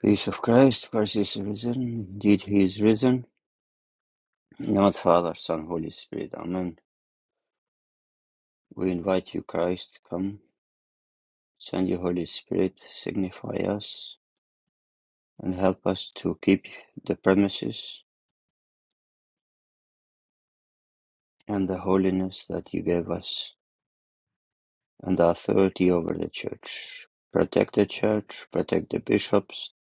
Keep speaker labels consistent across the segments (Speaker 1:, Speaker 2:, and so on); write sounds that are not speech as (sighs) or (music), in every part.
Speaker 1: Peace of Christ, Christ is risen, indeed he is risen. In the name of the Father, Son, Holy Spirit, Amen. We invite you, Christ, come, send your Holy Spirit, signify us, and help us to keep the premises and the holiness that you gave us, and the authority over the church. Protect the church, protect the bishops,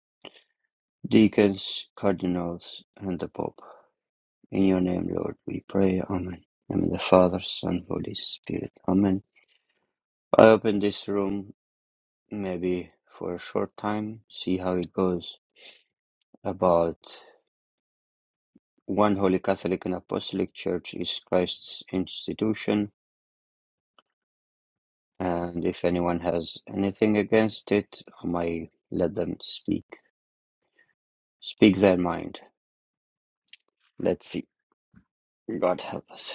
Speaker 1: deacons, cardinals, and the Pope. In your name, Lord, we pray, Amen. In the name of the Father, Son, Holy Spirit, Amen. I open this room maybe for a short time, see how it goes. About one Holy Catholic and Apostolic Church is Christ's institution, and if anyone has anything against it, I might let them speak. Speak their mind. Let's see. God help us.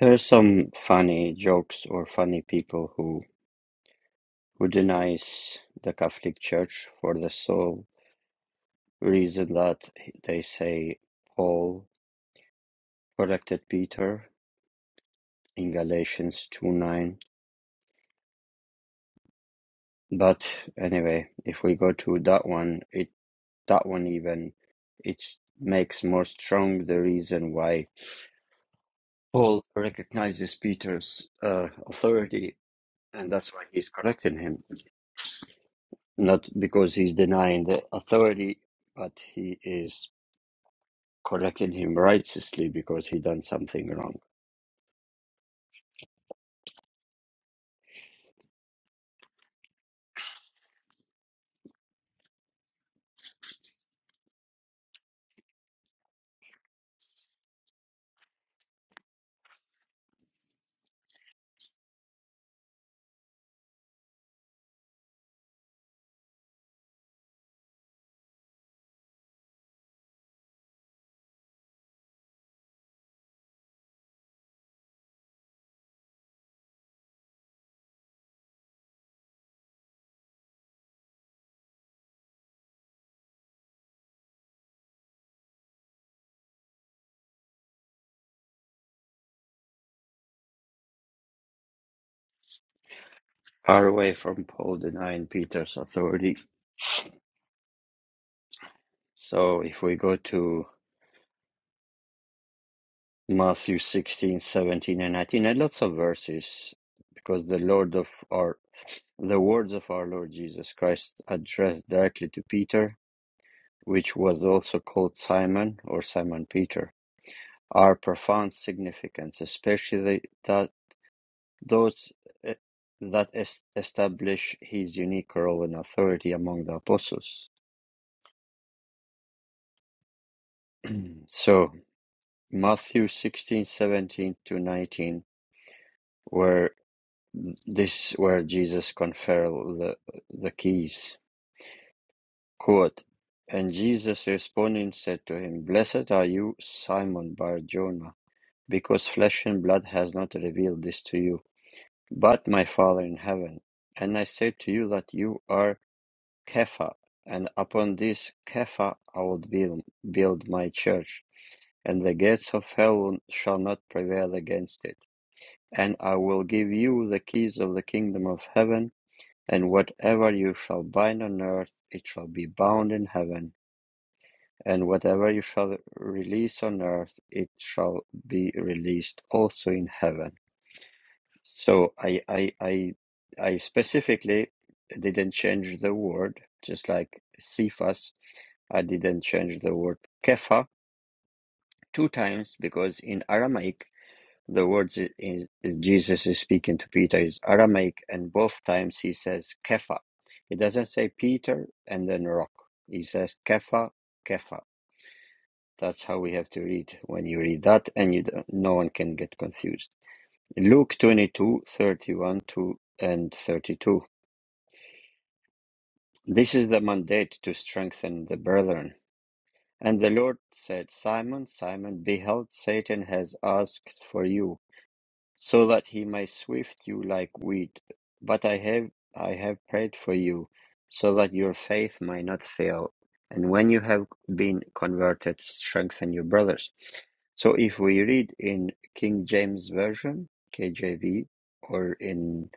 Speaker 1: There are some funny jokes or funny people who who denies the Catholic Church for the soul Reason that they say Paul corrected Peter in Galatians two nine. But anyway, if we go to that one, it that one even it makes more strong the reason why Paul recognizes Peter's uh, authority, and that's why he's correcting him, not because he's denying the authority, but he is correcting him righteously because he done something wrong. Far away from Paul denying Peter's authority. So if we go to Matthew 16, 17, and 19, and lots of verses, because the Lord of our the words of our Lord Jesus Christ addressed directly to Peter, which was also called Simon or Simon Peter, are profound significance, especially the that those eh, that es- establish his unique role and authority among the apostles. (clears throat) so Matthew 16, 17 to 19 where This is where Jesus conferred the, the keys. Quote, and Jesus responding said to him, Blessed are you, Simon Bar Jonah, because flesh and blood has not revealed this to you, but my Father in heaven. And I say to you that you are Kepha, and upon this Kepha I will build, build my church, and the gates of hell shall not prevail against it. And I will give you the keys of the kingdom of heaven And whatever you shall bind on earth, it shall be bound in heaven, and whatever you shall release on earth, it shall be released also in heaven. So I I I, I specifically didn't change the word, just like Cephas, I didn't change the word kepha two times because in Aramaic The words in- Jesus is speaking to Peter is Aramaic, and both times he says Kepha. He doesn't say Peter and then rock. He says Kepha, Kepha. That's how we have to read when you read that, and you don't, no one can get confused. Luke 22 31 to, and 32. This is the mandate to strengthen the brethren. And the Lord said, Simon, Simon, behold, Satan has asked for you so that he may swift you like wheat. But I have I have prayed for you, so that your faith may not fail. And when you have been converted, strengthen your brothers. So if we read in King James Version, KJV, or in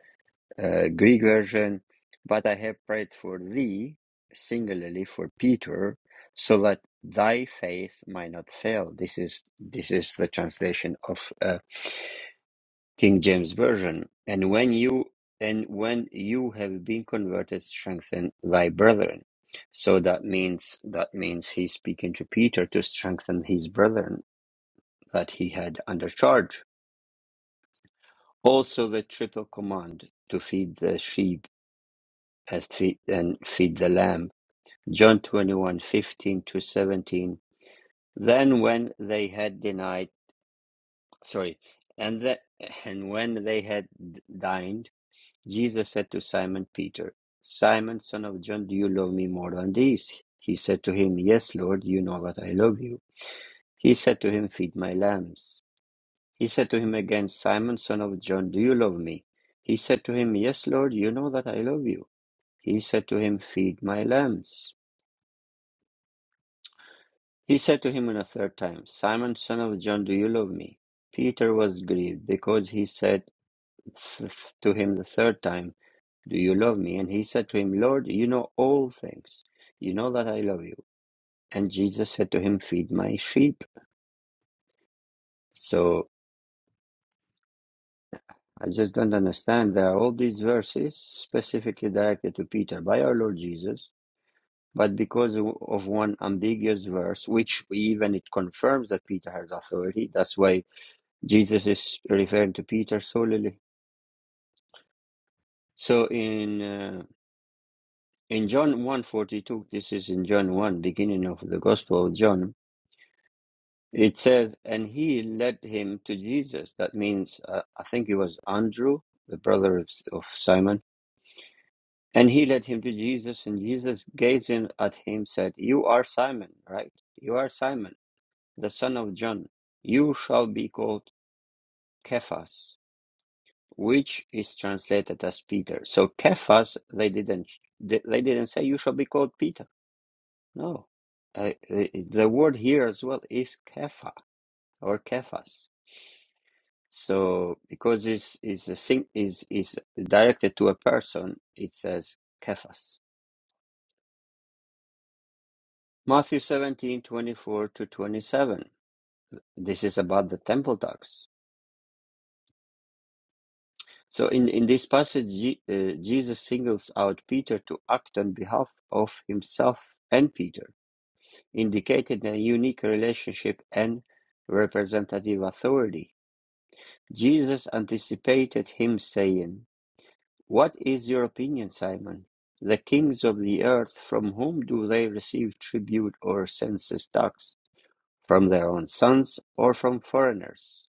Speaker 1: uh, Greek version, but I have prayed for thee, singularly for Peter, so that thy faith might not fail. This is this is the translation of uh, King James Version, and when you and when you have been converted, strengthen thy brethren. So that means that means he's speaking to Peter to strengthen his brethren that he had under charge. Also the triple command to feed the sheep and feed, and feed the lamb. John twenty one fifteen to 17. Then when they had denied, sorry, and the, and when they had dined, Jesus said to Simon Peter, Simon, son of John, do you love me more than these? He said to him, Yes, Lord, you know that I love you. He said to him, Feed my lambs. He said to him again, Simon, son of John, do you love me? He said to him, Yes, Lord, you know that I love you. He said to him, Feed my lambs. He said to him on a third time, Simon, son of John, do you love me? Peter was grieved because he said th- to him the third time, Do you love me? And he said to him, Lord, you know all things. You know that I love you. And Jesus said to him, Feed my sheep. So I just don't understand. There are all these verses specifically directed to Peter by our Lord Jesus, but because of one ambiguous verse, which even it confirms that Peter has authority, that's why Jesus is referring to Peter solely. So in uh, in John 1:42, this is in John 1, beginning of the Gospel of John, It says, and he led him to Jesus. That means, uh, I think it was Andrew, the brother of, of Simon. And he led him to Jesus, and Jesus gazing at him said, You are Simon, right? You are Simon, the son of John. You shall be called Cephas, which is translated as Peter. So Cephas, they didn't, they they didn't say you shall be called Peter. No, uh, the the word here as well is Kepha or Cephas. So because this is a sing is is directed to a person, it says Cephas. Matthew seventeen twenty four to twenty seven. This is about the temple tax. So in in this passage, Je- uh, Jesus singles out Peter to act on behalf of himself and Peter, indicating a unique relationship and representative authority. Jesus anticipated him saying. What is your opinion, Simon? The kings of the earth, from whom do they receive tribute or census tax? From their own sons or from foreigners?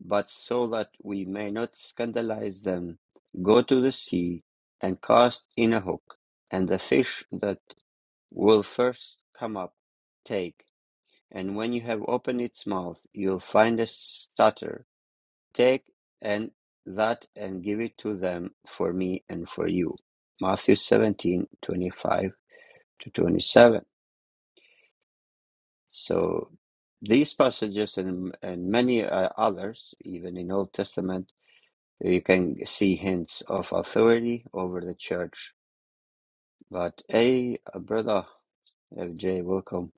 Speaker 1: But so that we may not scandalize them, go to the sea and cast in a hook, and the fish that will first come up, take. And when you have opened its mouth, you'll find a stater Take and that and give it to them for me and for you. Matthew 17 25 to 27. So these passages and, and many uh, others, even in Old Testament, you can see hints of authority over the church. But hey, uh, brother FJ, welcome.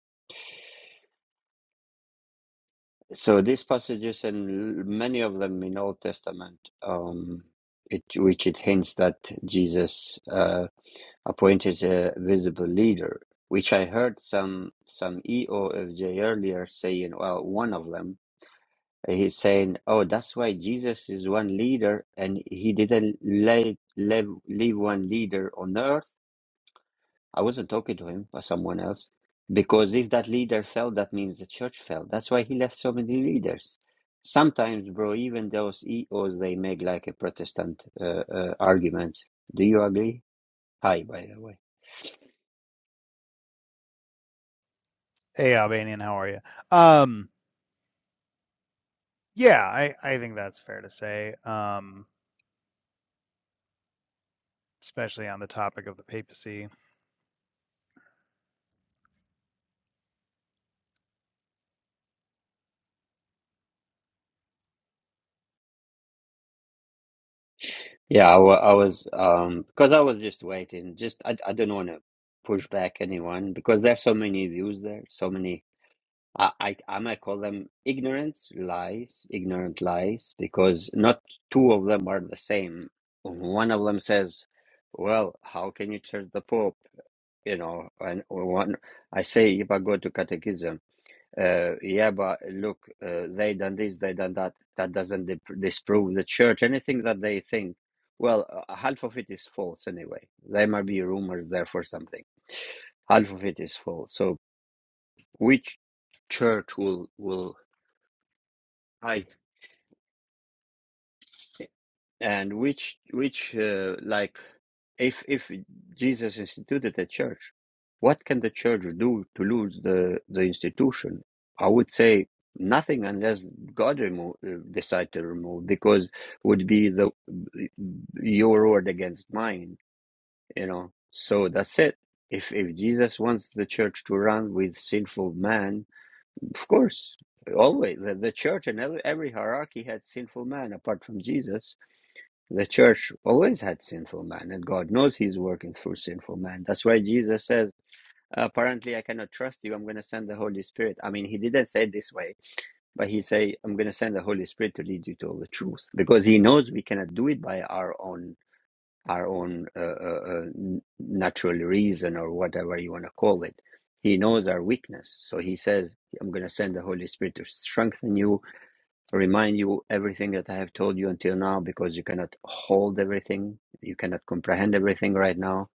Speaker 1: So these passages and many of them in Old Testament, um, it, which it hints that Jesus uh. appointed a visible leader, which I heard some some EOFJ earlier saying, well, one of them, he's saying, oh, that's why Jesus is one leader and he didn't lay, leave, leave one leader on earth. I wasn't talking to him, but someone else, because if that leader fell, that means the church fell. That's why he left so many leaders. Sometimes, bro, even those EOs, they make like a Protestant uh, uh, argument. Do you agree? Hi, by the way.
Speaker 2: Hey, Albanian, how are you? Um, yeah, I, I think that's fair to say, um, especially on the topic of the papacy.
Speaker 1: Yeah, I, wa- I was um because I was just waiting. Just I I don't want to push back anyone because there's so many views there, so many. I I I might call them ignorance lies, ignorant lies because not two of them are the same. One of them says, "Well, how can you church the Pope?" You know, and one I say if I go to catechism. Uh, yeah, but look, uh, they done this, they done that. That doesn't dip- disprove the church. Anything that they think, well, uh, half of it is false anyway. There might be rumors there for something. Half of it is false. So which church will will hide? and which which uh, like if if jesus instituted the church what can the church do to lose the the institution i would say nothing unless god remove uh, decide to remove because would be the your word against mine you know so that's it if if jesus wants the church to run with sinful man of course always the, the church and every, every hierarchy had sinful man apart from jesus the church always had sinful man, and God knows He's working through sinful man. That's why Jesus says, Apparently, I cannot trust you. I'm going to send the Holy Spirit. I mean, He didn't say it this way, but He say, I'm going to send the Holy Spirit to lead you to all the truth, because He knows we cannot do it by our own our own uh, uh, uh, natural reason or whatever you want to call it. He knows our weakness, so He says, I'm going to send the Holy Spirit to strengthen you Remind you everything that I have told you until now because you cannot hold everything. You cannot comprehend everything right now.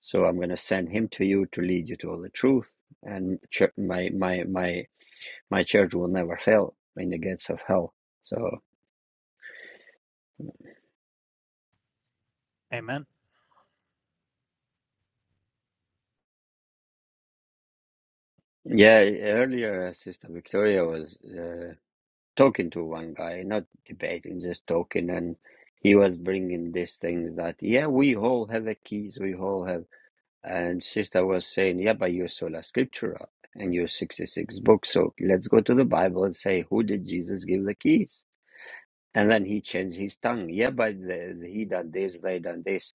Speaker 1: So I'm going to send him to you to lead you to all the truth. And chur- my, my, my, my church will never fail in the gates of hell. So
Speaker 2: Amen.
Speaker 1: yeah, earlier uh, Sister Victoria was uh, talking to one guy, not debating, just talking. And he was bringing these things that, yeah, we all have the keys. We all have And sister was saying, Yeah, but you're sola scriptura and you're 66 books. So let's go to the Bible and say, Who did Jesus give the keys? And then he changed his tongue. Yeah, but the, the- he done this, they done this.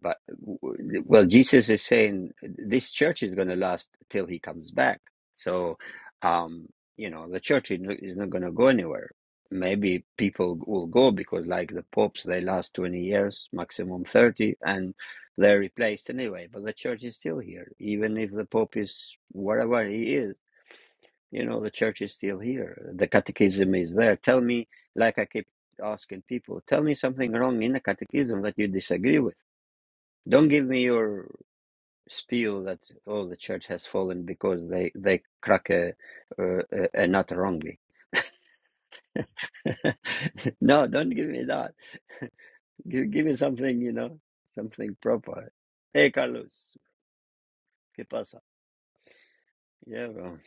Speaker 1: But w- well, Jesus is saying this church is going to last till he comes back. So, um, you know, the church is is not going to go anywhere. Maybe people will go because, like the popes, they last 20 years, maximum 30, and they're replaced anyway. But the church is still here, even if the pope is whatever he is you know, the church is still here. The catechism is there. Tell me, like I keep asking people, tell me something wrong in the catechism that you disagree with. Don't give me your spiel that oh the church has fallen because they they crack a, a, a nut wrongly. (laughs) no, don't give me that. (laughs) Give, give me something, you know, something proper. Hey, Carlos, ¿qué pasa? Yeah, bro.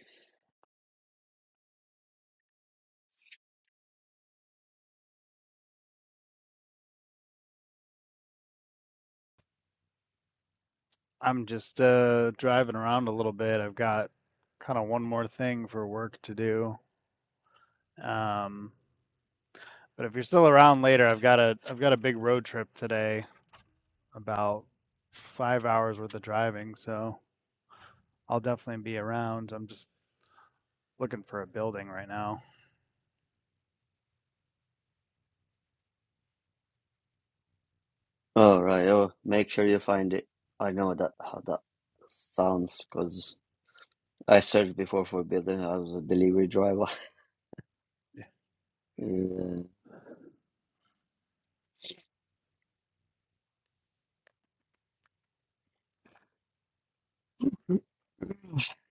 Speaker 2: I'm just uh, driving around a little bit. I've got kind of one more thing for work to do. Um, but if you're still around later, I've got a I've got a big road trip today, about five hours worth of driving, so I'll definitely be around. I'm just looking for a building right now.
Speaker 1: All right. Oh, make sure you find it. I know that how that sounds because. I searched before for building. I was a delivery driver. (laughs) Uh,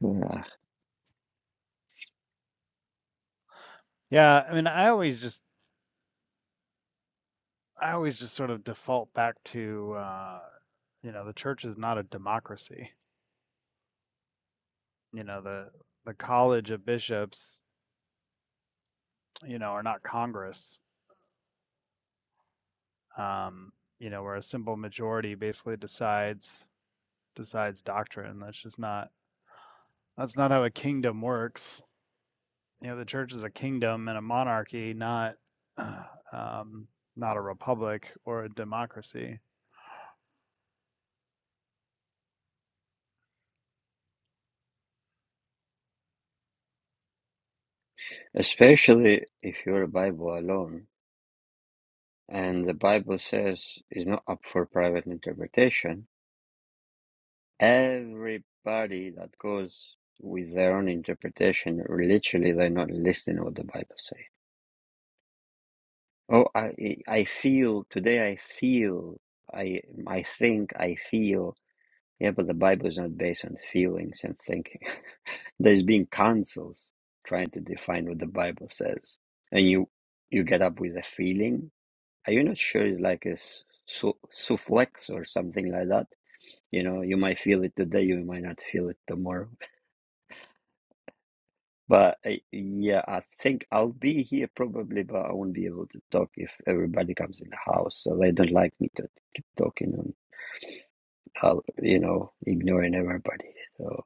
Speaker 1: yeah.
Speaker 2: Yeah, I mean, I always just I always just sort of default back to, uh, you know, the church is not a democracy. You know, the the college of bishops, you know, are not Congress. Um, you know, where a simple majority basically decides decides doctrine. That's just not that's not how a kingdom works. You know, the church is a kingdom and a monarchy, not (sighs) um, not a republic or a democracy.
Speaker 1: Especially if you're a Bible alone, and the Bible says it's not up for private interpretation. Everybody that goes with their own interpretation, literally, they're not listening to what the Bible says. Oh, I, I feel today. I feel. I, I think. I feel. Yeah, but the Bible is not based on feelings and thinking. (laughs) There's been councils trying to define what the Bible says, and you you get up with a feeling. Are you not sure it's like a su- sufflex or something like that? You know, you might feel it today, you might not feel it tomorrow. But uh, yeah, I think I'll be here probably, but I won't be able to talk if everybody comes in the house. So they don't like me to keep talking and, I'll, you know, ignoring everybody. So.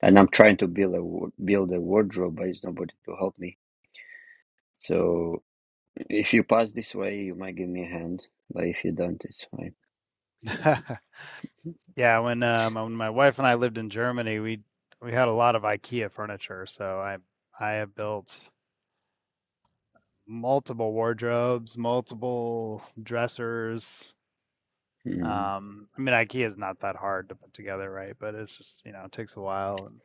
Speaker 1: and I'm trying to build a wa- build a wardrobe, but it's nobody to help me. So if you pass this way, you might give me a hand, but if you don't, it's fine.
Speaker 2: (laughs) Yeah, when um when my wife and I lived in Germany, we we had a lot of IKEA furniture, so I I have built multiple wardrobes, multiple dressers.
Speaker 1: Mm,
Speaker 2: Um, I mean, IKEA is not that hard to put together, right? But it's just, you know, it takes a while and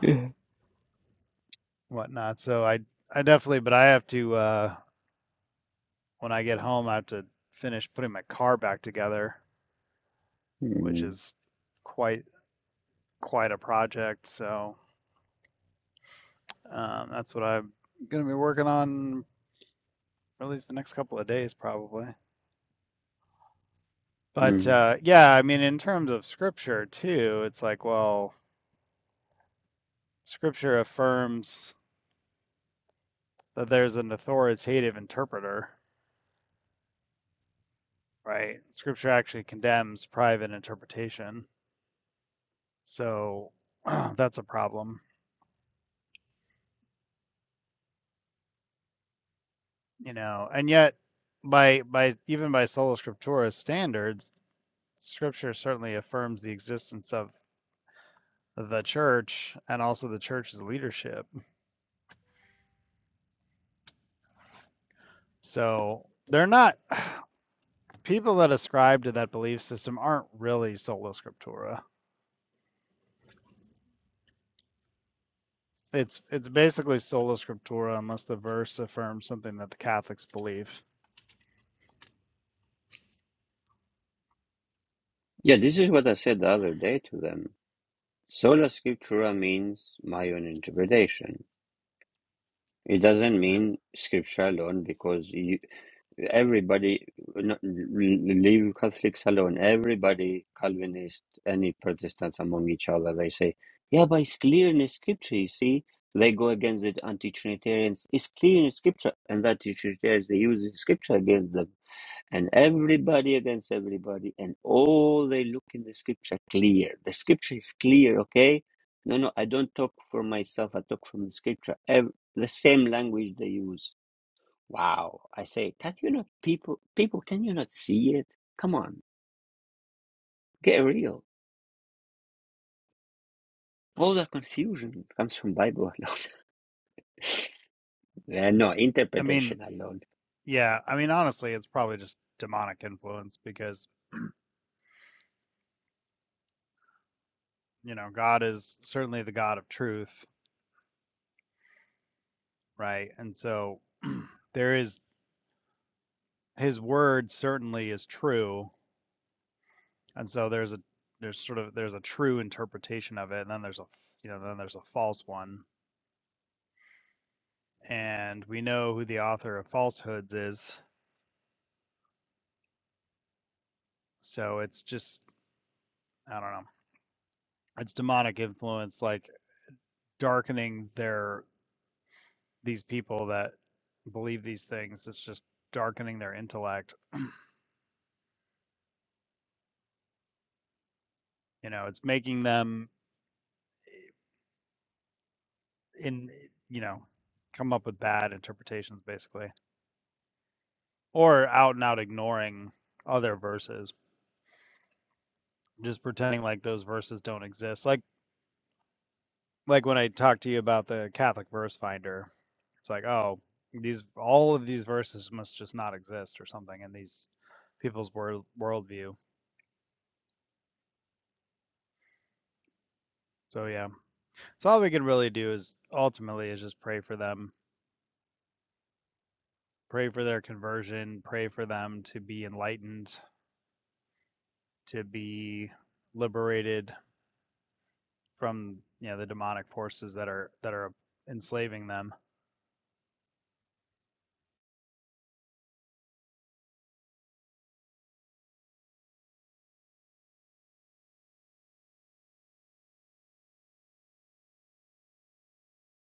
Speaker 1: Yeah.
Speaker 2: whatnot. So I I definitely, but I have to uh when I get home, I have to finish putting my car back together, which
Speaker 1: mm,
Speaker 2: is quite quite a project. So um, that's what I'm gonna be working on or at least the next couple of days probably. But
Speaker 1: mm.
Speaker 2: uh, yeah, I mean, in terms of scripture too, it's like, well, scripture affirms that there's an authoritative interpreter, right? Scripture actually condemns private interpretation, so (clears throat) that's a problem, you know. And yet, by by even by sola scriptura standards, scripture certainly affirms the existence of the church and also the church's leadership. So they're not people that ascribe to that belief system aren't really sola scriptura. It's it's basically sola scriptura unless the verse affirms something that the Catholics believe.
Speaker 1: Yeah, this is what I said the other day to them. Sola scriptura means my own interpretation. It doesn't mean scripture alone because you. Everybody, no- leave Catholics alone. Everybody, Calvinist, any Protestants among each other, they say, yeah, but it's clear in the scripture, you see. They go against the anti Trinitarians. It's clear in the scripture. And that the Trinitarians, they use the scripture against them. And everybody against everybody. And all they look in the scripture clear. The scripture is clear, okay? No, no, I don't talk for myself. I talk from the scripture. Ev- the same language they use. Wow. I say, can you not people people can you not see it? Come on, get real. All the confusion comes from Bible alone. (laughs) yeah, no,
Speaker 2: I mean,
Speaker 1: interpretation alone.
Speaker 2: yeah, I mean honestly, it's probably just demonic influence because, you know, God is certainly the God of truth, right? And so there is his word certainly is true, and so there's a there's sort of there's a true interpretation of it and then there's a you know, then there's a false one. And we know who the author of falsehoods is So it's just I don't know. It's demonic influence like darkening their these people that believe these things. It's just darkening their intellect. You know, it's making them in you know, come up with bad interpretations basically. Or out and out ignoring other verses. Just pretending like those verses don't exist. Like like when I talked to you about the Catholic verse finder, it's like, oh, these all of these verses must just not exist or something in these people's world worldview. So yeah, so all we can really do is ultimately is just pray for them, pray for their conversion, pray for them to be enlightened, to be liberated from you know the demonic forces that are that are enslaving them.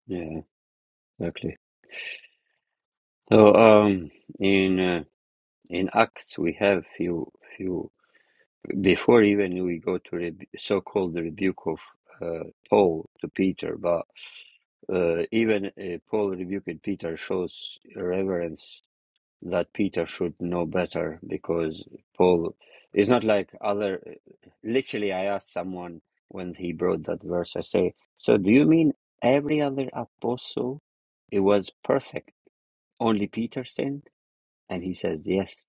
Speaker 1: Yeah, exactly. So um in uh, in Acts we have few few before even we go to rebu so-called rebuke of uh, Paul to Peter, but uh, even uh, Paul rebuking Peter shows reverence that Peter should know better because Paul is not like other. Literally, I asked someone when he brought that verse, I say, So do you mean every other apostle? It was perfect. Only Peter sinned? And he says, Yes.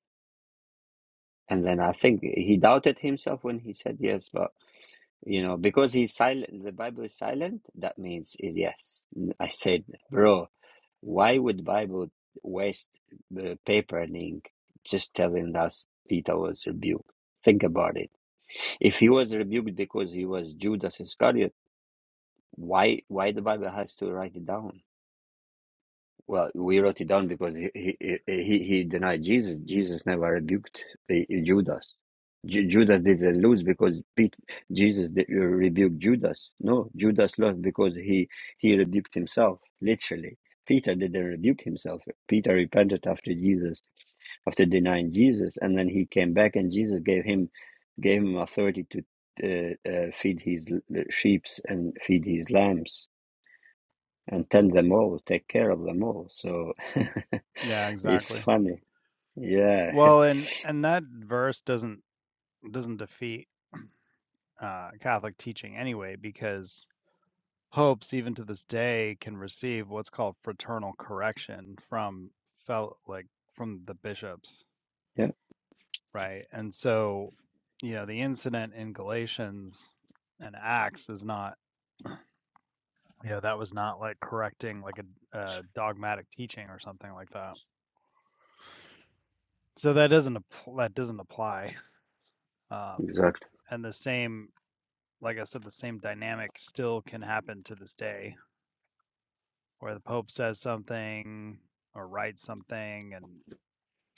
Speaker 1: And then I think he doubted himself when he said yes, but you know, because he's silent, the Bible is silent, that means it's yes. I said, Bro, why would Bible waste the paper and ink just telling us Peter was rebuked? Think about it. If he was rebuked because he was Judas Iscariot, why why the Bible has to write it down? Well, we wrote it down because he he he, he denied Jesus. Jesus never rebuked uh, Judas. Ju Judas didn't lose because Pete, Jesus did, uh, rebuked Judas. No, Judas lost because he he rebuked himself literally. Peter didn't rebuke himself. Peter repented after Jesus after denying Jesus, and then he came back, and Jesus gave him gave him authority to uh, uh, feed his sheep and feed his lambs and tend them all, take care of them all. So (laughs)
Speaker 2: Yeah,
Speaker 1: it's
Speaker 2: exactly.
Speaker 1: funny. Yeah,
Speaker 2: Well, and and that verse doesn't doesn't defeat uh, Catholic teaching anyway, because popes, even to this day, can receive what's called fraternal correction from felt like from the bishops,
Speaker 1: (laughs) yeah,
Speaker 2: right? And so, you know, the incident in Galatians and Acts is not, you know, that was not like correcting like a, a dogmatic teaching or something like that. So that doesn't that doesn't apply. Um,
Speaker 1: exactly.
Speaker 2: and the same, like I said, the same dynamic still can happen to this day where the Pope says something or writes something and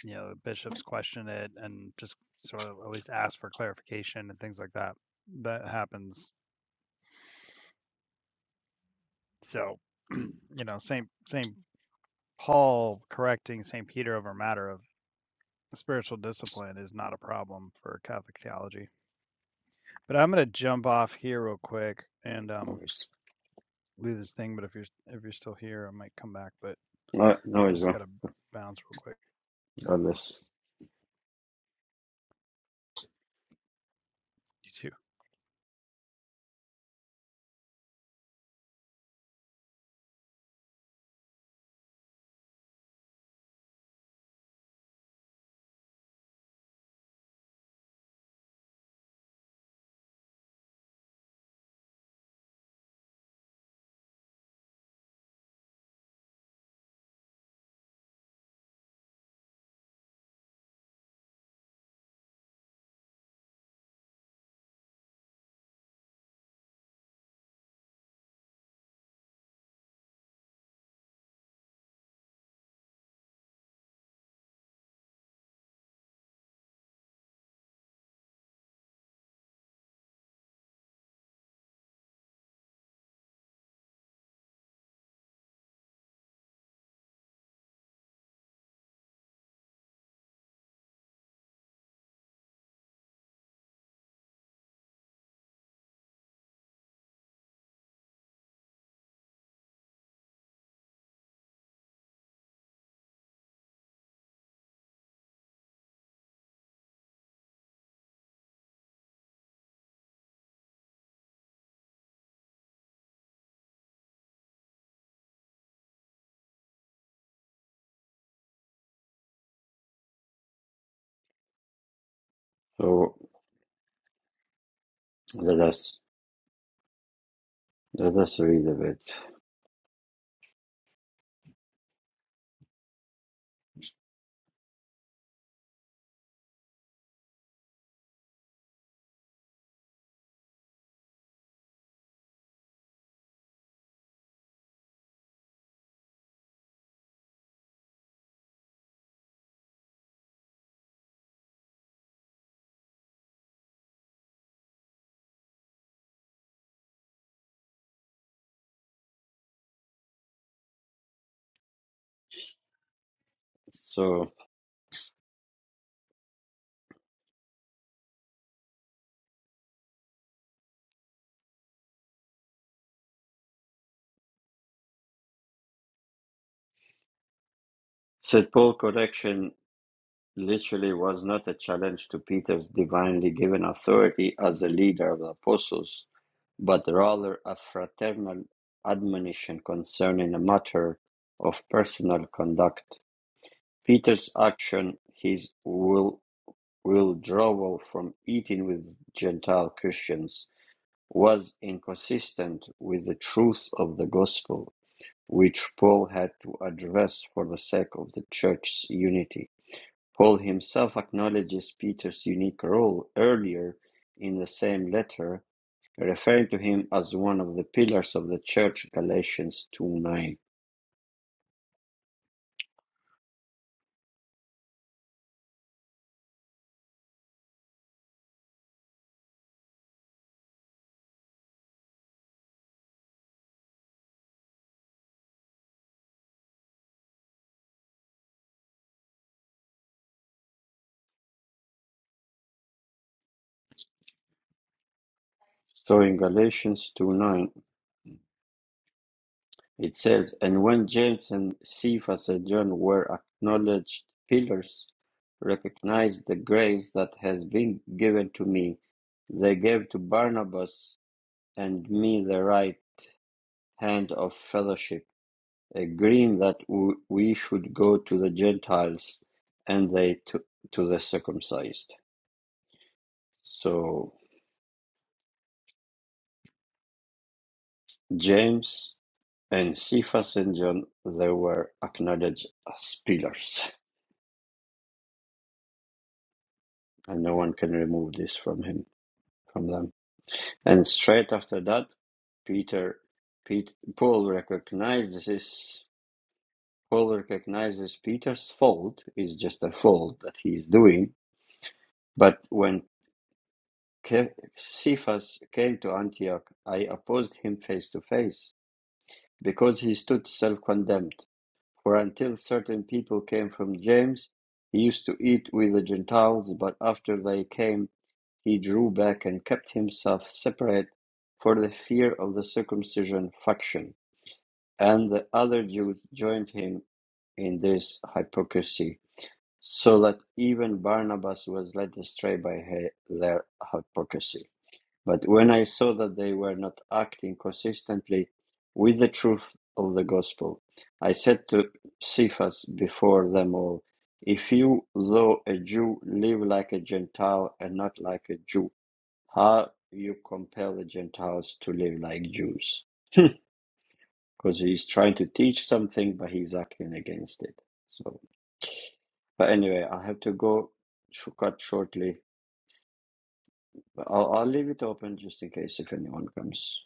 Speaker 2: you know the bishops question it and just sort of at least ask for clarification and things like that that happens so (clears throat) you know saint saint paul correcting saint peter over a matter of spiritual discipline is not a problem for catholic theology but i'm going to jump off here real quick and um
Speaker 1: Always.
Speaker 2: do this thing but if you're if you're still here i might come back but
Speaker 1: No, no,
Speaker 2: i
Speaker 1: it's
Speaker 2: just
Speaker 1: wrong.
Speaker 2: got to bounce real quick
Speaker 1: God bless.
Speaker 2: you too
Speaker 1: So let us let us read a bit. So St. Paul correction literally was not a challenge to Peter's divinely given authority as the leader of the apostles, but rather a fraternal admonition concerning a matter of personal conduct Peter's action, his will, withdrawal from eating with Gentile Christians, was inconsistent with the truth of the gospel, which Paul had to address for the sake of the church's unity. Paul himself acknowledges Peter's unique role earlier in the same letter, referring to him as one of the pillars of the church, Galatians two nine. So in Galatians two nine. It says, And when James and Cephas and John were acknowledged pillars, recognized the grace that has been given to me, they gave to Barnabas and me the right hand of fellowship, agreeing that we should go to the Gentiles and they to, to the circumcised. So James and Cephas and John, they were acknowledged as pillars, and no one can remove this from him. from them. And straight after that, Peter, Pete, Paul recognizes Paul recognizes Peter's fault is just a fault that he is doing. But when Ke- Cephas came to Antioch, I opposed him face to face because he stood self-condemned. For until certain people came from James, he used to eat with the Gentiles. But after they came He drew back and kept himself separate for the fear of the circumcision faction and the other Jews joined him in this hypocrisy, so that even Barnabas was led astray by their hypocrisy. But when I saw that they were not acting consistently with the truth of the gospel, I said to Cephas before them all, If you, though a Jew, live like a Gentile and not like a Jew, how you compel the Gentiles to live like Jews? Because he's trying to teach something, but he's acting against it. So, but anyway, I have to go sh- cut shortly. But I'll, I'll leave it open just in case if anyone comes.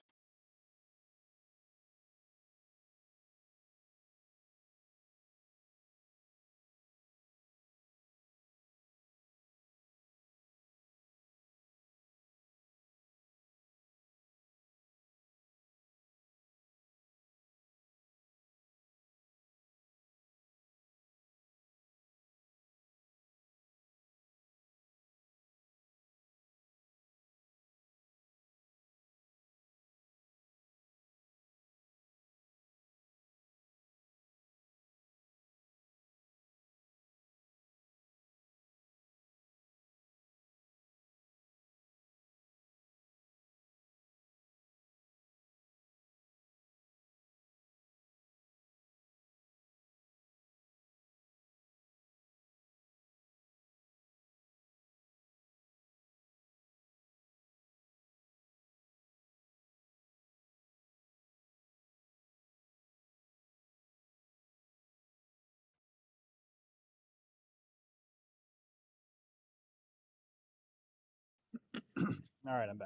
Speaker 2: (clears throat) all right i'm back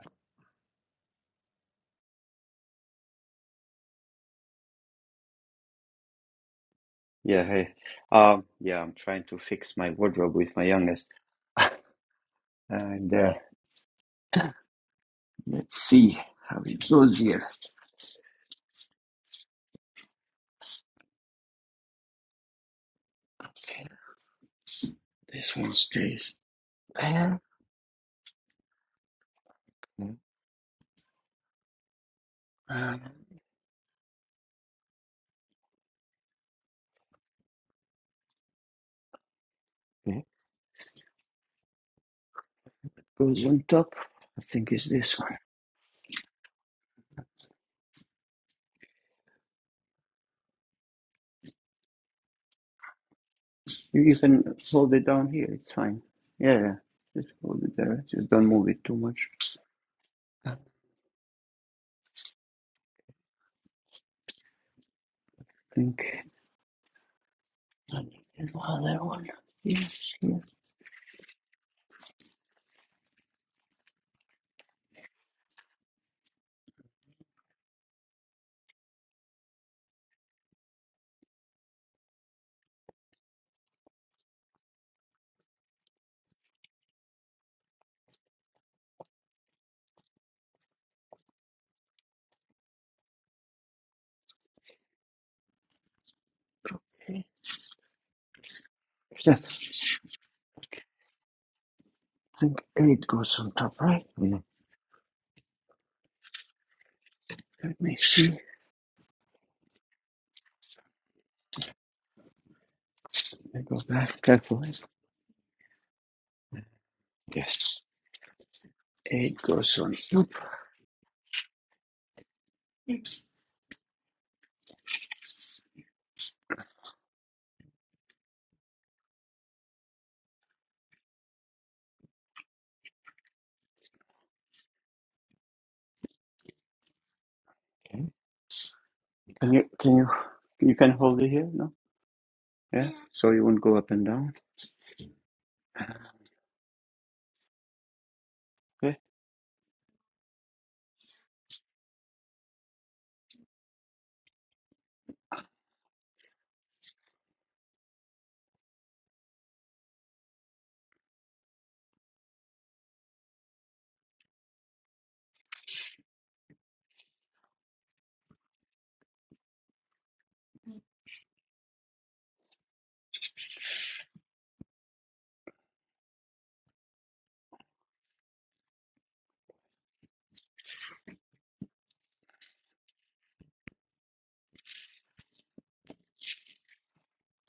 Speaker 1: Yeah, hey, um, yeah, I'm trying to fix my wardrobe with my youngest, and uh, let's see how it goes here. Okay, this one stays there. Um, goes on top. I think it's this one. You, you can hold it down here. It's fine. Yeah, yeah. Just hold it there. Just don't move it too much. I think I need another one. Yes, yes, okay. Yeah, I think eight goes on top, right? Mm. Let me see. Let me go back carefully. Yes, eight goes on top. Okay. Can you can you you can hold it here? No. Yeah. So you won't go up and down. Okay.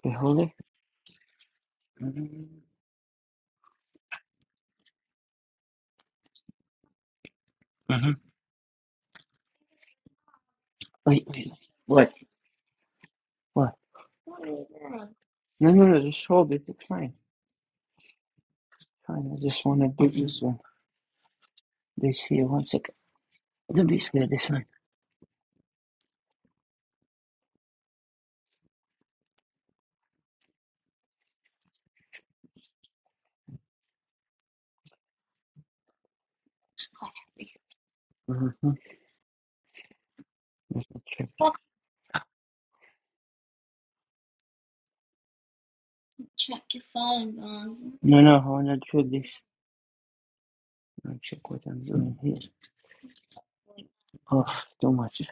Speaker 1: Okay, hold it. Mm-hmm. Wait, wait. What? What? No, no, no. Just hold it. It's fine. Fine, I just want to do this one. This here, one second. Don't be scared, this one. Mm-hmm. Let me Check. No, no, I want to do this. I check what I'm doing here. Oh, too much.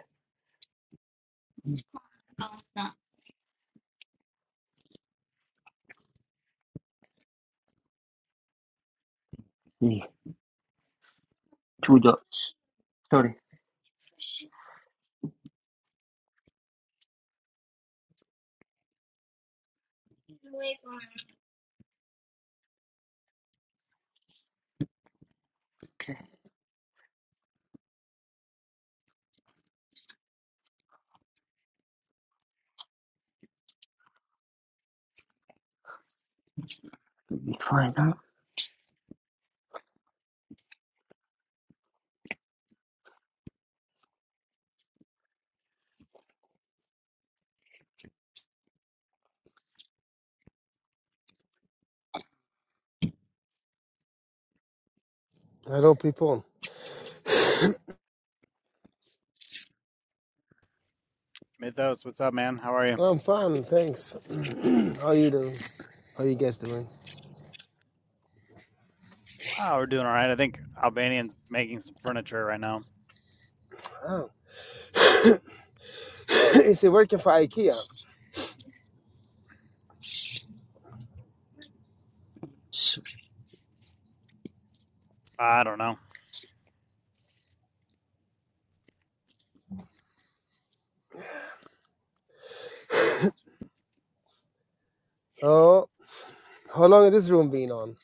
Speaker 1: The two dots. Sorry. Okay, it'll be fine now.
Speaker 3: Hello, people.
Speaker 2: Mythos, what's up, man? How are you?
Speaker 3: I'm fine, thanks. (clears throat) How you doing? How you guys doing?
Speaker 2: Oh, we're doing all right. I think Albanian's making some furniture right now.
Speaker 3: Oh. (clears throat) is it working for IKEA?
Speaker 1: So,
Speaker 2: I don't know.
Speaker 3: Oh, how long has this room been on?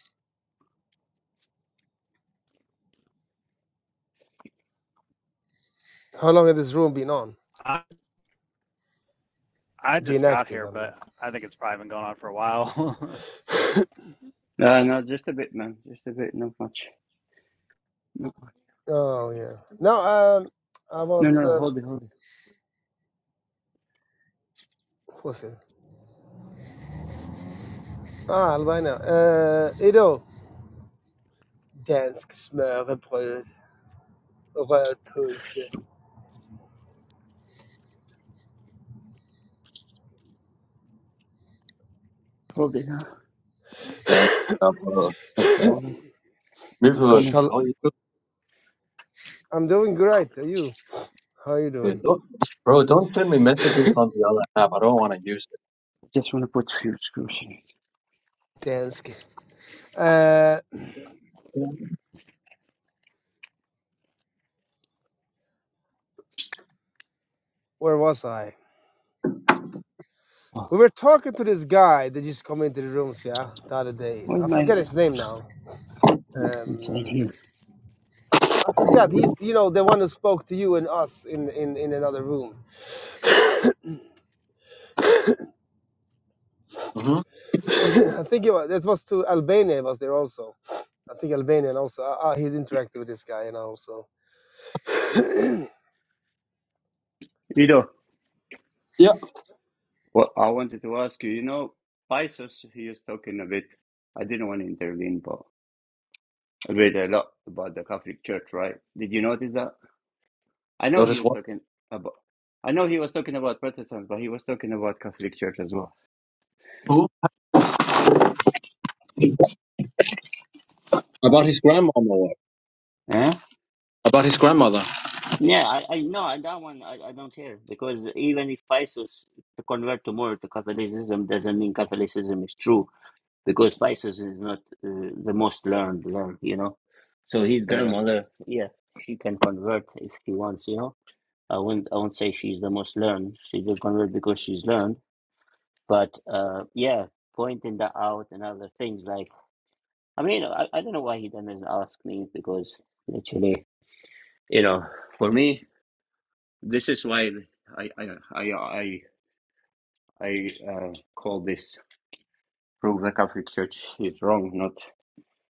Speaker 3: How long has this room been on?
Speaker 2: I I just
Speaker 3: Been
Speaker 2: got
Speaker 3: active,
Speaker 2: here,
Speaker 3: I mean.
Speaker 2: but I think it's probably been going on for a while. (laughs)
Speaker 1: no, no, just a bit, man. Just a bit, not much. No,
Speaker 3: Oh yeah. No, um, I
Speaker 1: no,
Speaker 3: was.
Speaker 1: no,
Speaker 3: Um,
Speaker 1: hold it, hold it.
Speaker 3: what was it? Ah, Albina. Uh, idag dansk smørrebrød, röd pölse.
Speaker 1: Hold it now.
Speaker 4: Then, uh, bro,
Speaker 1: Hold it. I'm coming.
Speaker 3: Shall
Speaker 4: how you
Speaker 3: I'm doing great. Are you? How are you
Speaker 4: doing?
Speaker 3: doing?
Speaker 4: Don't, bro, don't send me messages on the other app. I don't want to use
Speaker 1: Just want to put a few screws in it.
Speaker 3: Dansk. Uh,
Speaker 4: it.
Speaker 3: where was I?
Speaker 1: Oh,
Speaker 3: We were talking to this guy that just to come into the rooms, yeah, the other day.
Speaker 1: where's
Speaker 3: I
Speaker 1: my...
Speaker 3: forget his name now.
Speaker 1: Inside
Speaker 3: Um,
Speaker 1: here.
Speaker 3: I forgot. He's, you know, the one who spoke to you and us in in, in another room.
Speaker 4: hmm
Speaker 3: (coughs) (laughs) I think it was, that was to Albania was there also. I think Albanian also. Uh, uh, he's interacting with this guy, and also.
Speaker 1: Rido.
Speaker 4: Yeah.
Speaker 1: Well, I wanted to ask you, you know, Paisos, he was talking a bit, I didn't want to intervene, but a bit a lot about the Catholic Church, right? Did you notice that? I know he
Speaker 4: Notice
Speaker 1: was
Speaker 4: what?
Speaker 1: talking about, I know he was talking about Protestants, but he was talking about Catholic Church as well.
Speaker 4: Who? About his grandmama. What?
Speaker 1: Huh?
Speaker 4: About his grandmother.
Speaker 1: Yeah, I, I no, I- that one I, I don't care because even if ISIS convert tomorrow to Catholicism doesn't mean Catholicism is true. because Pisces is not uh, the most learned one, you know. So his
Speaker 4: Yeah.
Speaker 1: grandmother, yeah, she can convert if she wants, you know. I wouldn't, I won't say she's the most learned. She will convert because she's learned, but uh, yeah, pointing that out and other things like, I mean, I, I don't know why he doesn't ask me because literally, you know, for me, this is why I, I, I, I, I uh, call this prove the Catholic Church is wrong, not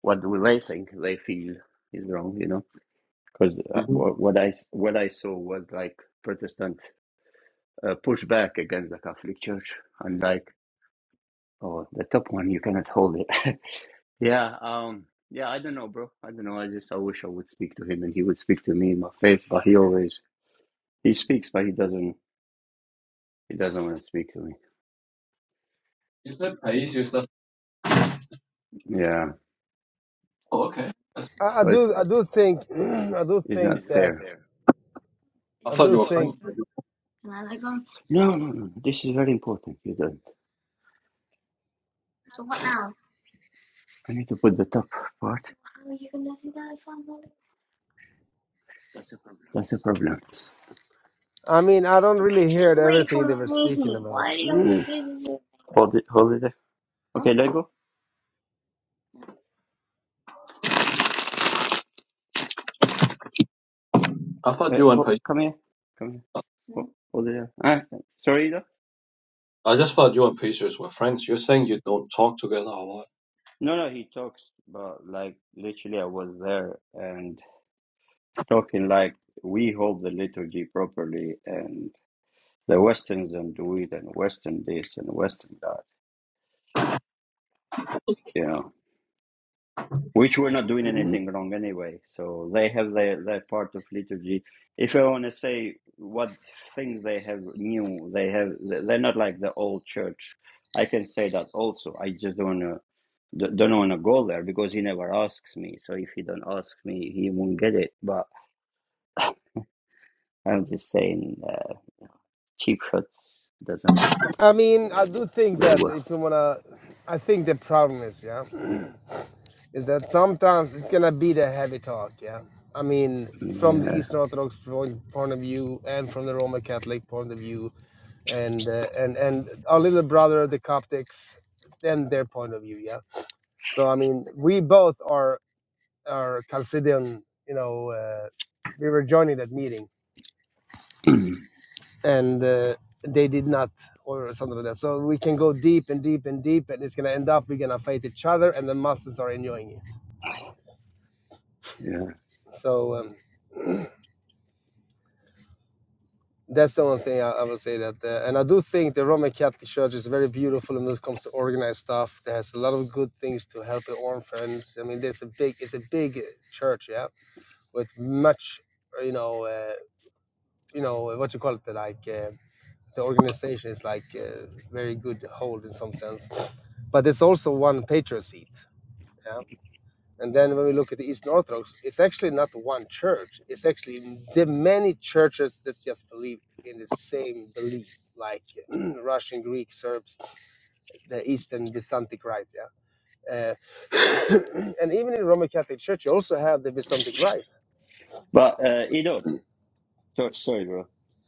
Speaker 1: what do they think they feel is wrong, you know because
Speaker 4: hmm
Speaker 1: what what I what I saw was like Protestant uh, pushback against the Catholic Church, and like oh the top one you cannot hold it. (laughs) yeah, um, yeah, I don't know, bro. I don't know. I just I wish I would speak to him and he would speak to me in my faith, but he always he speaks, but he doesn't he doesn't want to speak to me.
Speaker 4: You said Pais, you said.
Speaker 1: Yeah,
Speaker 4: Oh, okay. That's-
Speaker 3: I, I
Speaker 1: because
Speaker 3: do, I do think, (clears throat) I do
Speaker 1: it's not
Speaker 3: think that,
Speaker 1: fair.
Speaker 4: I
Speaker 3: I
Speaker 4: thought
Speaker 3: do
Speaker 4: you were
Speaker 3: think.
Speaker 4: friends. with you.
Speaker 1: No, no, no. This is very important. You don't. I need to put the top part. That's the problem.
Speaker 3: I mean, I don't really hear everything they were speaking about.
Speaker 1: Hold it, hold it. there. Okay, let go.
Speaker 4: I thought
Speaker 1: Uh,
Speaker 4: you and
Speaker 1: hold,
Speaker 4: Pais.
Speaker 1: come here. Come here. Oh yeah. Ah, sorry, though?
Speaker 4: I just thought you and Pacers were friends. You're saying you don't talk together a lot.
Speaker 1: No, no, he talks, but like literally, I was there and talking like we hold the liturgy properly, and the Westerns don't do it, and Western this and Western that, you know, which we're not doing anything wrong anyway. So they have their, their part of liturgy. If I want to say what things they have new, they have, they're not like the old church. I can say that also. I just don't want to. D- don't want to go there because he never asks me. So if he don't ask me, he won't get it. But I'm just saying, uh, cheap shots doesn't go
Speaker 3: I mean, I do think
Speaker 1: very
Speaker 3: that
Speaker 1: well.
Speaker 3: if you wanna, I think the problem is, yeah. is that sometimes it's gonna be the heavy talk. Yeah, I mean, from the
Speaker 1: Yeah,
Speaker 3: Eastern Orthodox point, point of view, and from the Roman Catholic point of view, and uh, and and our little brother, the Coptics, and their point of view. Yeah. So I mean, we both are are Chalcidian. You know, uh, we were joining that meeting, and uh, they did not. Or something like that. So we can go deep and deep and deep, and it's gonna end up we're gonna fight each other, and the masses are enjoying it.
Speaker 1: yeah.
Speaker 3: So um, that's the one thing I, I would say that. Uh, and I do think the Roman Catholic Church is very beautiful when it comes to organized stuff. It has a lot of good things to help the orphans. I mean, there's a big, it's a big uh, church, yeah, with much, uh, you know, uh, you know, uh, what you call it, like uh, the organization is like uh, very good hold in some sense. But it's also one patriot seat. Yeah? And then when we look at the Eastern Orthodox, it's actually not one church. It's actually the many churches that just believe in the same belief, like (clears throat) Russian, Greek, Serbs, the Eastern Byzantic Rite. Yeah. Uh, (coughs) and even in Roman Catholic Church, you also have the Byzantic Rite.
Speaker 1: But uh,
Speaker 3: So
Speaker 1: you know, so, sorry, bro.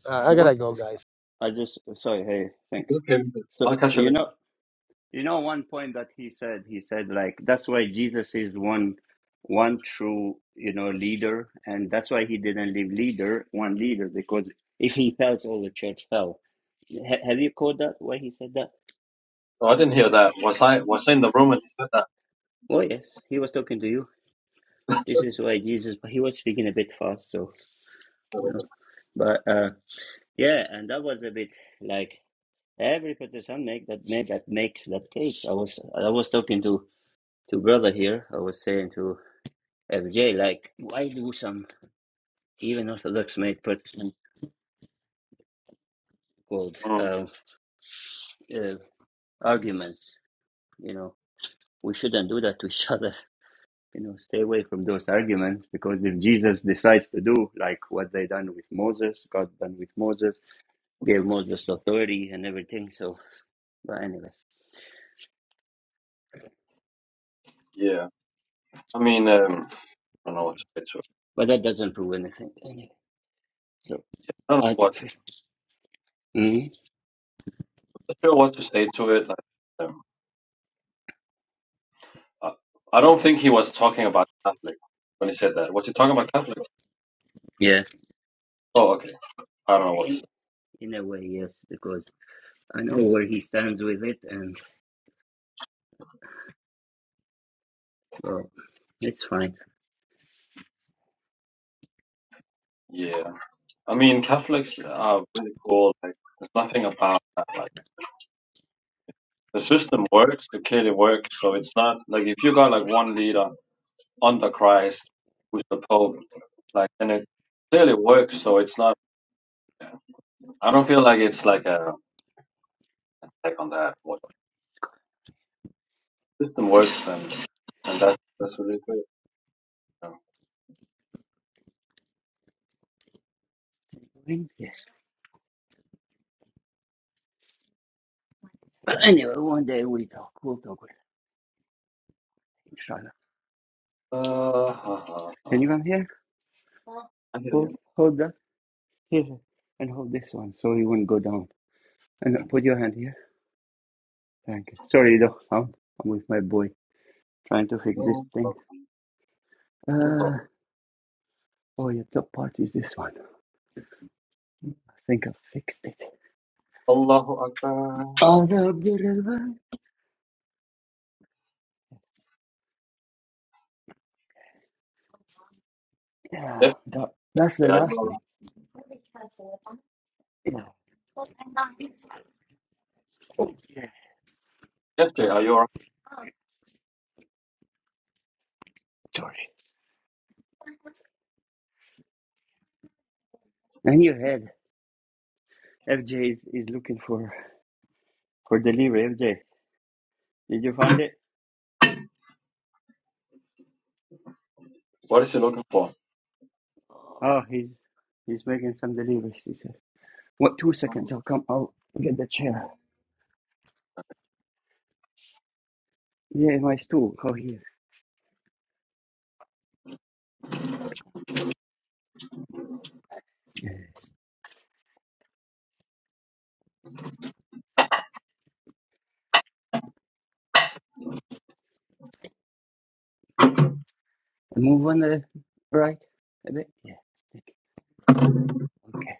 Speaker 3: uh, I
Speaker 4: Mhm.
Speaker 3: gotta go, guys.
Speaker 1: I just sorry. Hey, think.
Speaker 4: Okay, I'll
Speaker 1: So
Speaker 4: catch you
Speaker 1: you
Speaker 4: later.
Speaker 1: know, you know, one point that he said, he said like that's why Jesus is one, one true, you know, leader, and that's why he didn't leave leader, one leader, because if he fell, all the church fell. Ha- have you caught that? Why he said that?
Speaker 4: No, I didn't hear that. Was I was I in the room when he said that?
Speaker 1: Oh yes, he was talking to you. This is why Jesus, he was speaking a bit fast, so you know. But uh, yeah, and that was a bit like every petition make that make that makes that cake. I was I was talking to to brother here. I was saying to FJ like, why do some even Orthodox make Protestant called
Speaker 4: Mm,
Speaker 1: um, uh, arguments? You know, we shouldn't do that to each (laughs) other. you know, stay away from those arguments because if Jesus decides to do like what they done with Moses, God done with Moses, gave Moses authority and everything. So, but anyway,
Speaker 4: yeah. I mean, um, I don't know what to say
Speaker 1: but that doesn't prove anything anyway. So,
Speaker 4: I don't know
Speaker 1: I
Speaker 4: what to,
Speaker 1: mm
Speaker 4: not sure what to say to it. Like, um, I I don't think he was talking about Catholic when he said that. Was he talking about Catholics?
Speaker 1: yeah,
Speaker 4: Oh, okay. I don't know what to say.
Speaker 1: in in a way, yes, because I know where he stands with it, and well, it's fine.
Speaker 4: Yeah. I mean, Catholics are really cool. Like, there's nothing about that. Like, the system works. It clearly works. So it's not like if you got like one leader under Christ, who's the Pope, like, and it clearly works. So it's not. I don't feel like it's like a like on that. What system works and and that's that's really good.
Speaker 1: Yes, but anyway, one day we talk. We'll talk with him, inshallah.
Speaker 4: Uh, ha, ha,
Speaker 1: Can you
Speaker 4: ha.
Speaker 1: come here?
Speaker 4: I hear
Speaker 1: Hold
Speaker 4: you.
Speaker 1: hold that here and hold this one so he won't go down. And put your hand here. Thank you. Sorry, though. I'm, I'm with my boy trying to fix this
Speaker 4: No,
Speaker 1: thing.
Speaker 4: pro- no
Speaker 1: Uh,
Speaker 4: problem.
Speaker 1: oh, yeah, top part is this one. I think I fixed it.
Speaker 4: Allahu Akbar.
Speaker 1: Oh, the beautiful. Yeah,
Speaker 4: FJ,
Speaker 1: that, that's the
Speaker 4: are you
Speaker 1: last one.
Speaker 4: alright?
Speaker 1: Yeah. Oh, yeah.
Speaker 4: FJ,
Speaker 1: Uh,
Speaker 4: are you alright?
Speaker 1: sorry. And your head. FJ is, is looking for, for delivery. FJ, did you find it?
Speaker 4: What is he looking for?
Speaker 1: Oh, he's he's making some deliveries, he says. What, two seconds? I'll come. I'll get the chair. Yeah, my stool. Oh, here. Yeah. Move on the right a bit. Yeah. Okay.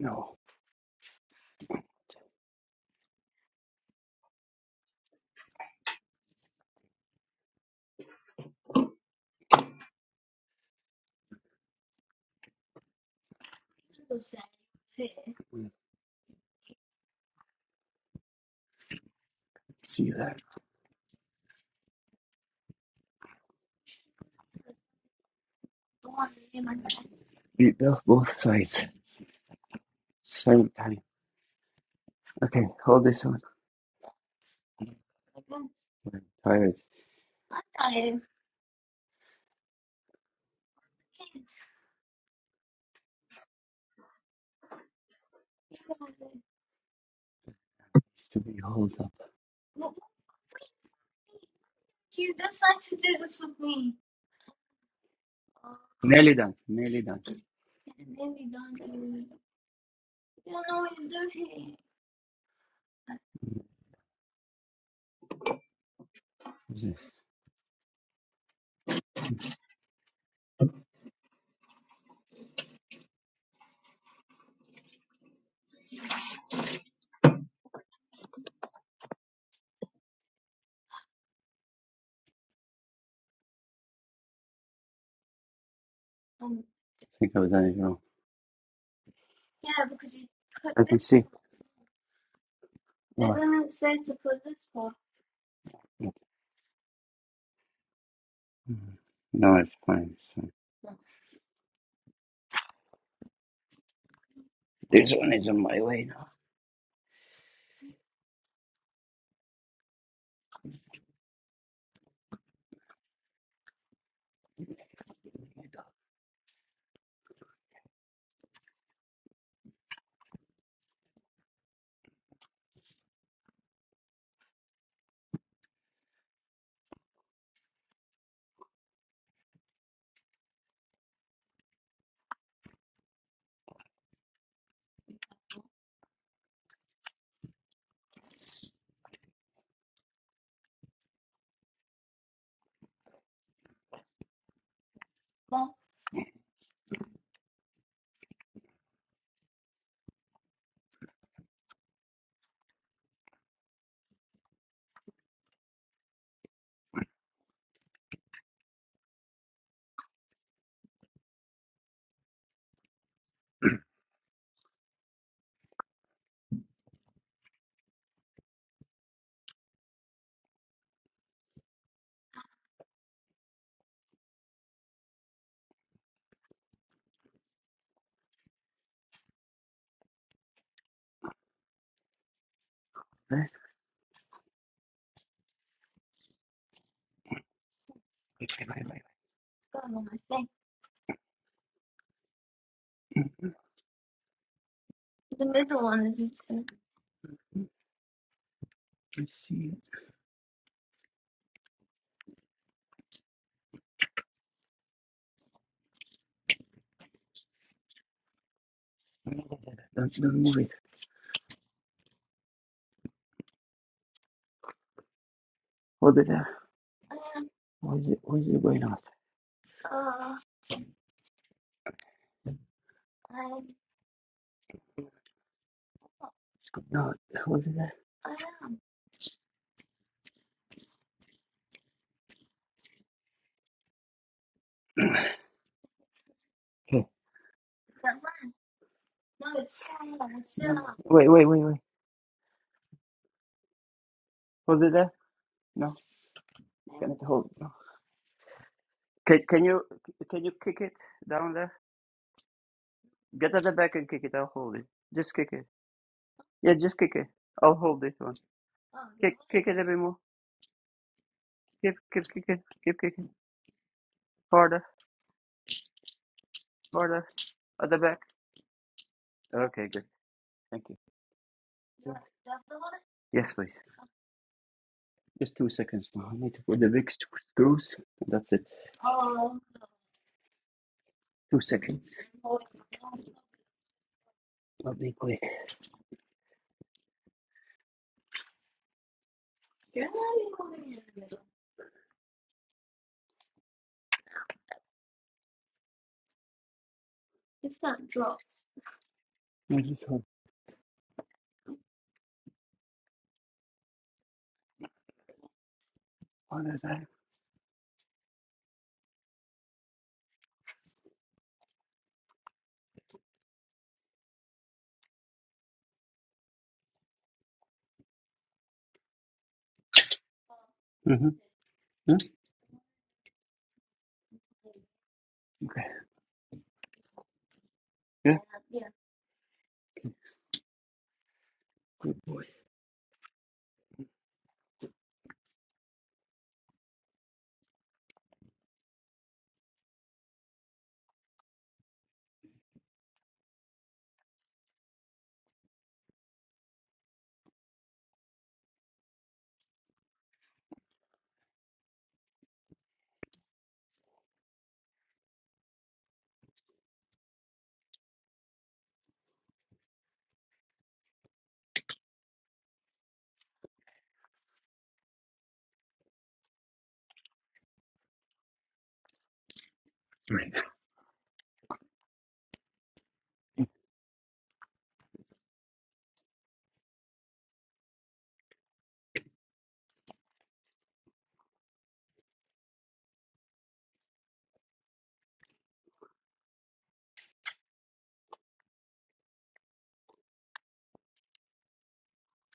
Speaker 1: No, see that. You built both sides. Same time. Okay, hold this one. Tired. Needs to be hold up. Nearly done. Nearly done. What's this? I think I've done it wrong. And see. No, it's fine. It's fine. This one is on my way now. Right? Wait, wait, wait, wait. Let's see it. Don't, don't move it. Hold it there. Why is it, why is it going out? It's good. No, hold it there. Okay. Wait, wait, wait, wait. Hold it there. No, not hold. No. Can, can you can you kick it down there? Get at the back and kick it. I'll hold it. Just kick it. Yeah, just kick it. I'll hold this one. Kick it a bit more. Keep, keep kicking. Keep kicking. Harder, harder. At the back. Okay, good. Thank you. Yes, please. Just two seconds now. I need to put the big screws. That's it. Two seconds. I'll be quick. I just hold on to that. Mm-hmm. Okay. Yeah. Good boy.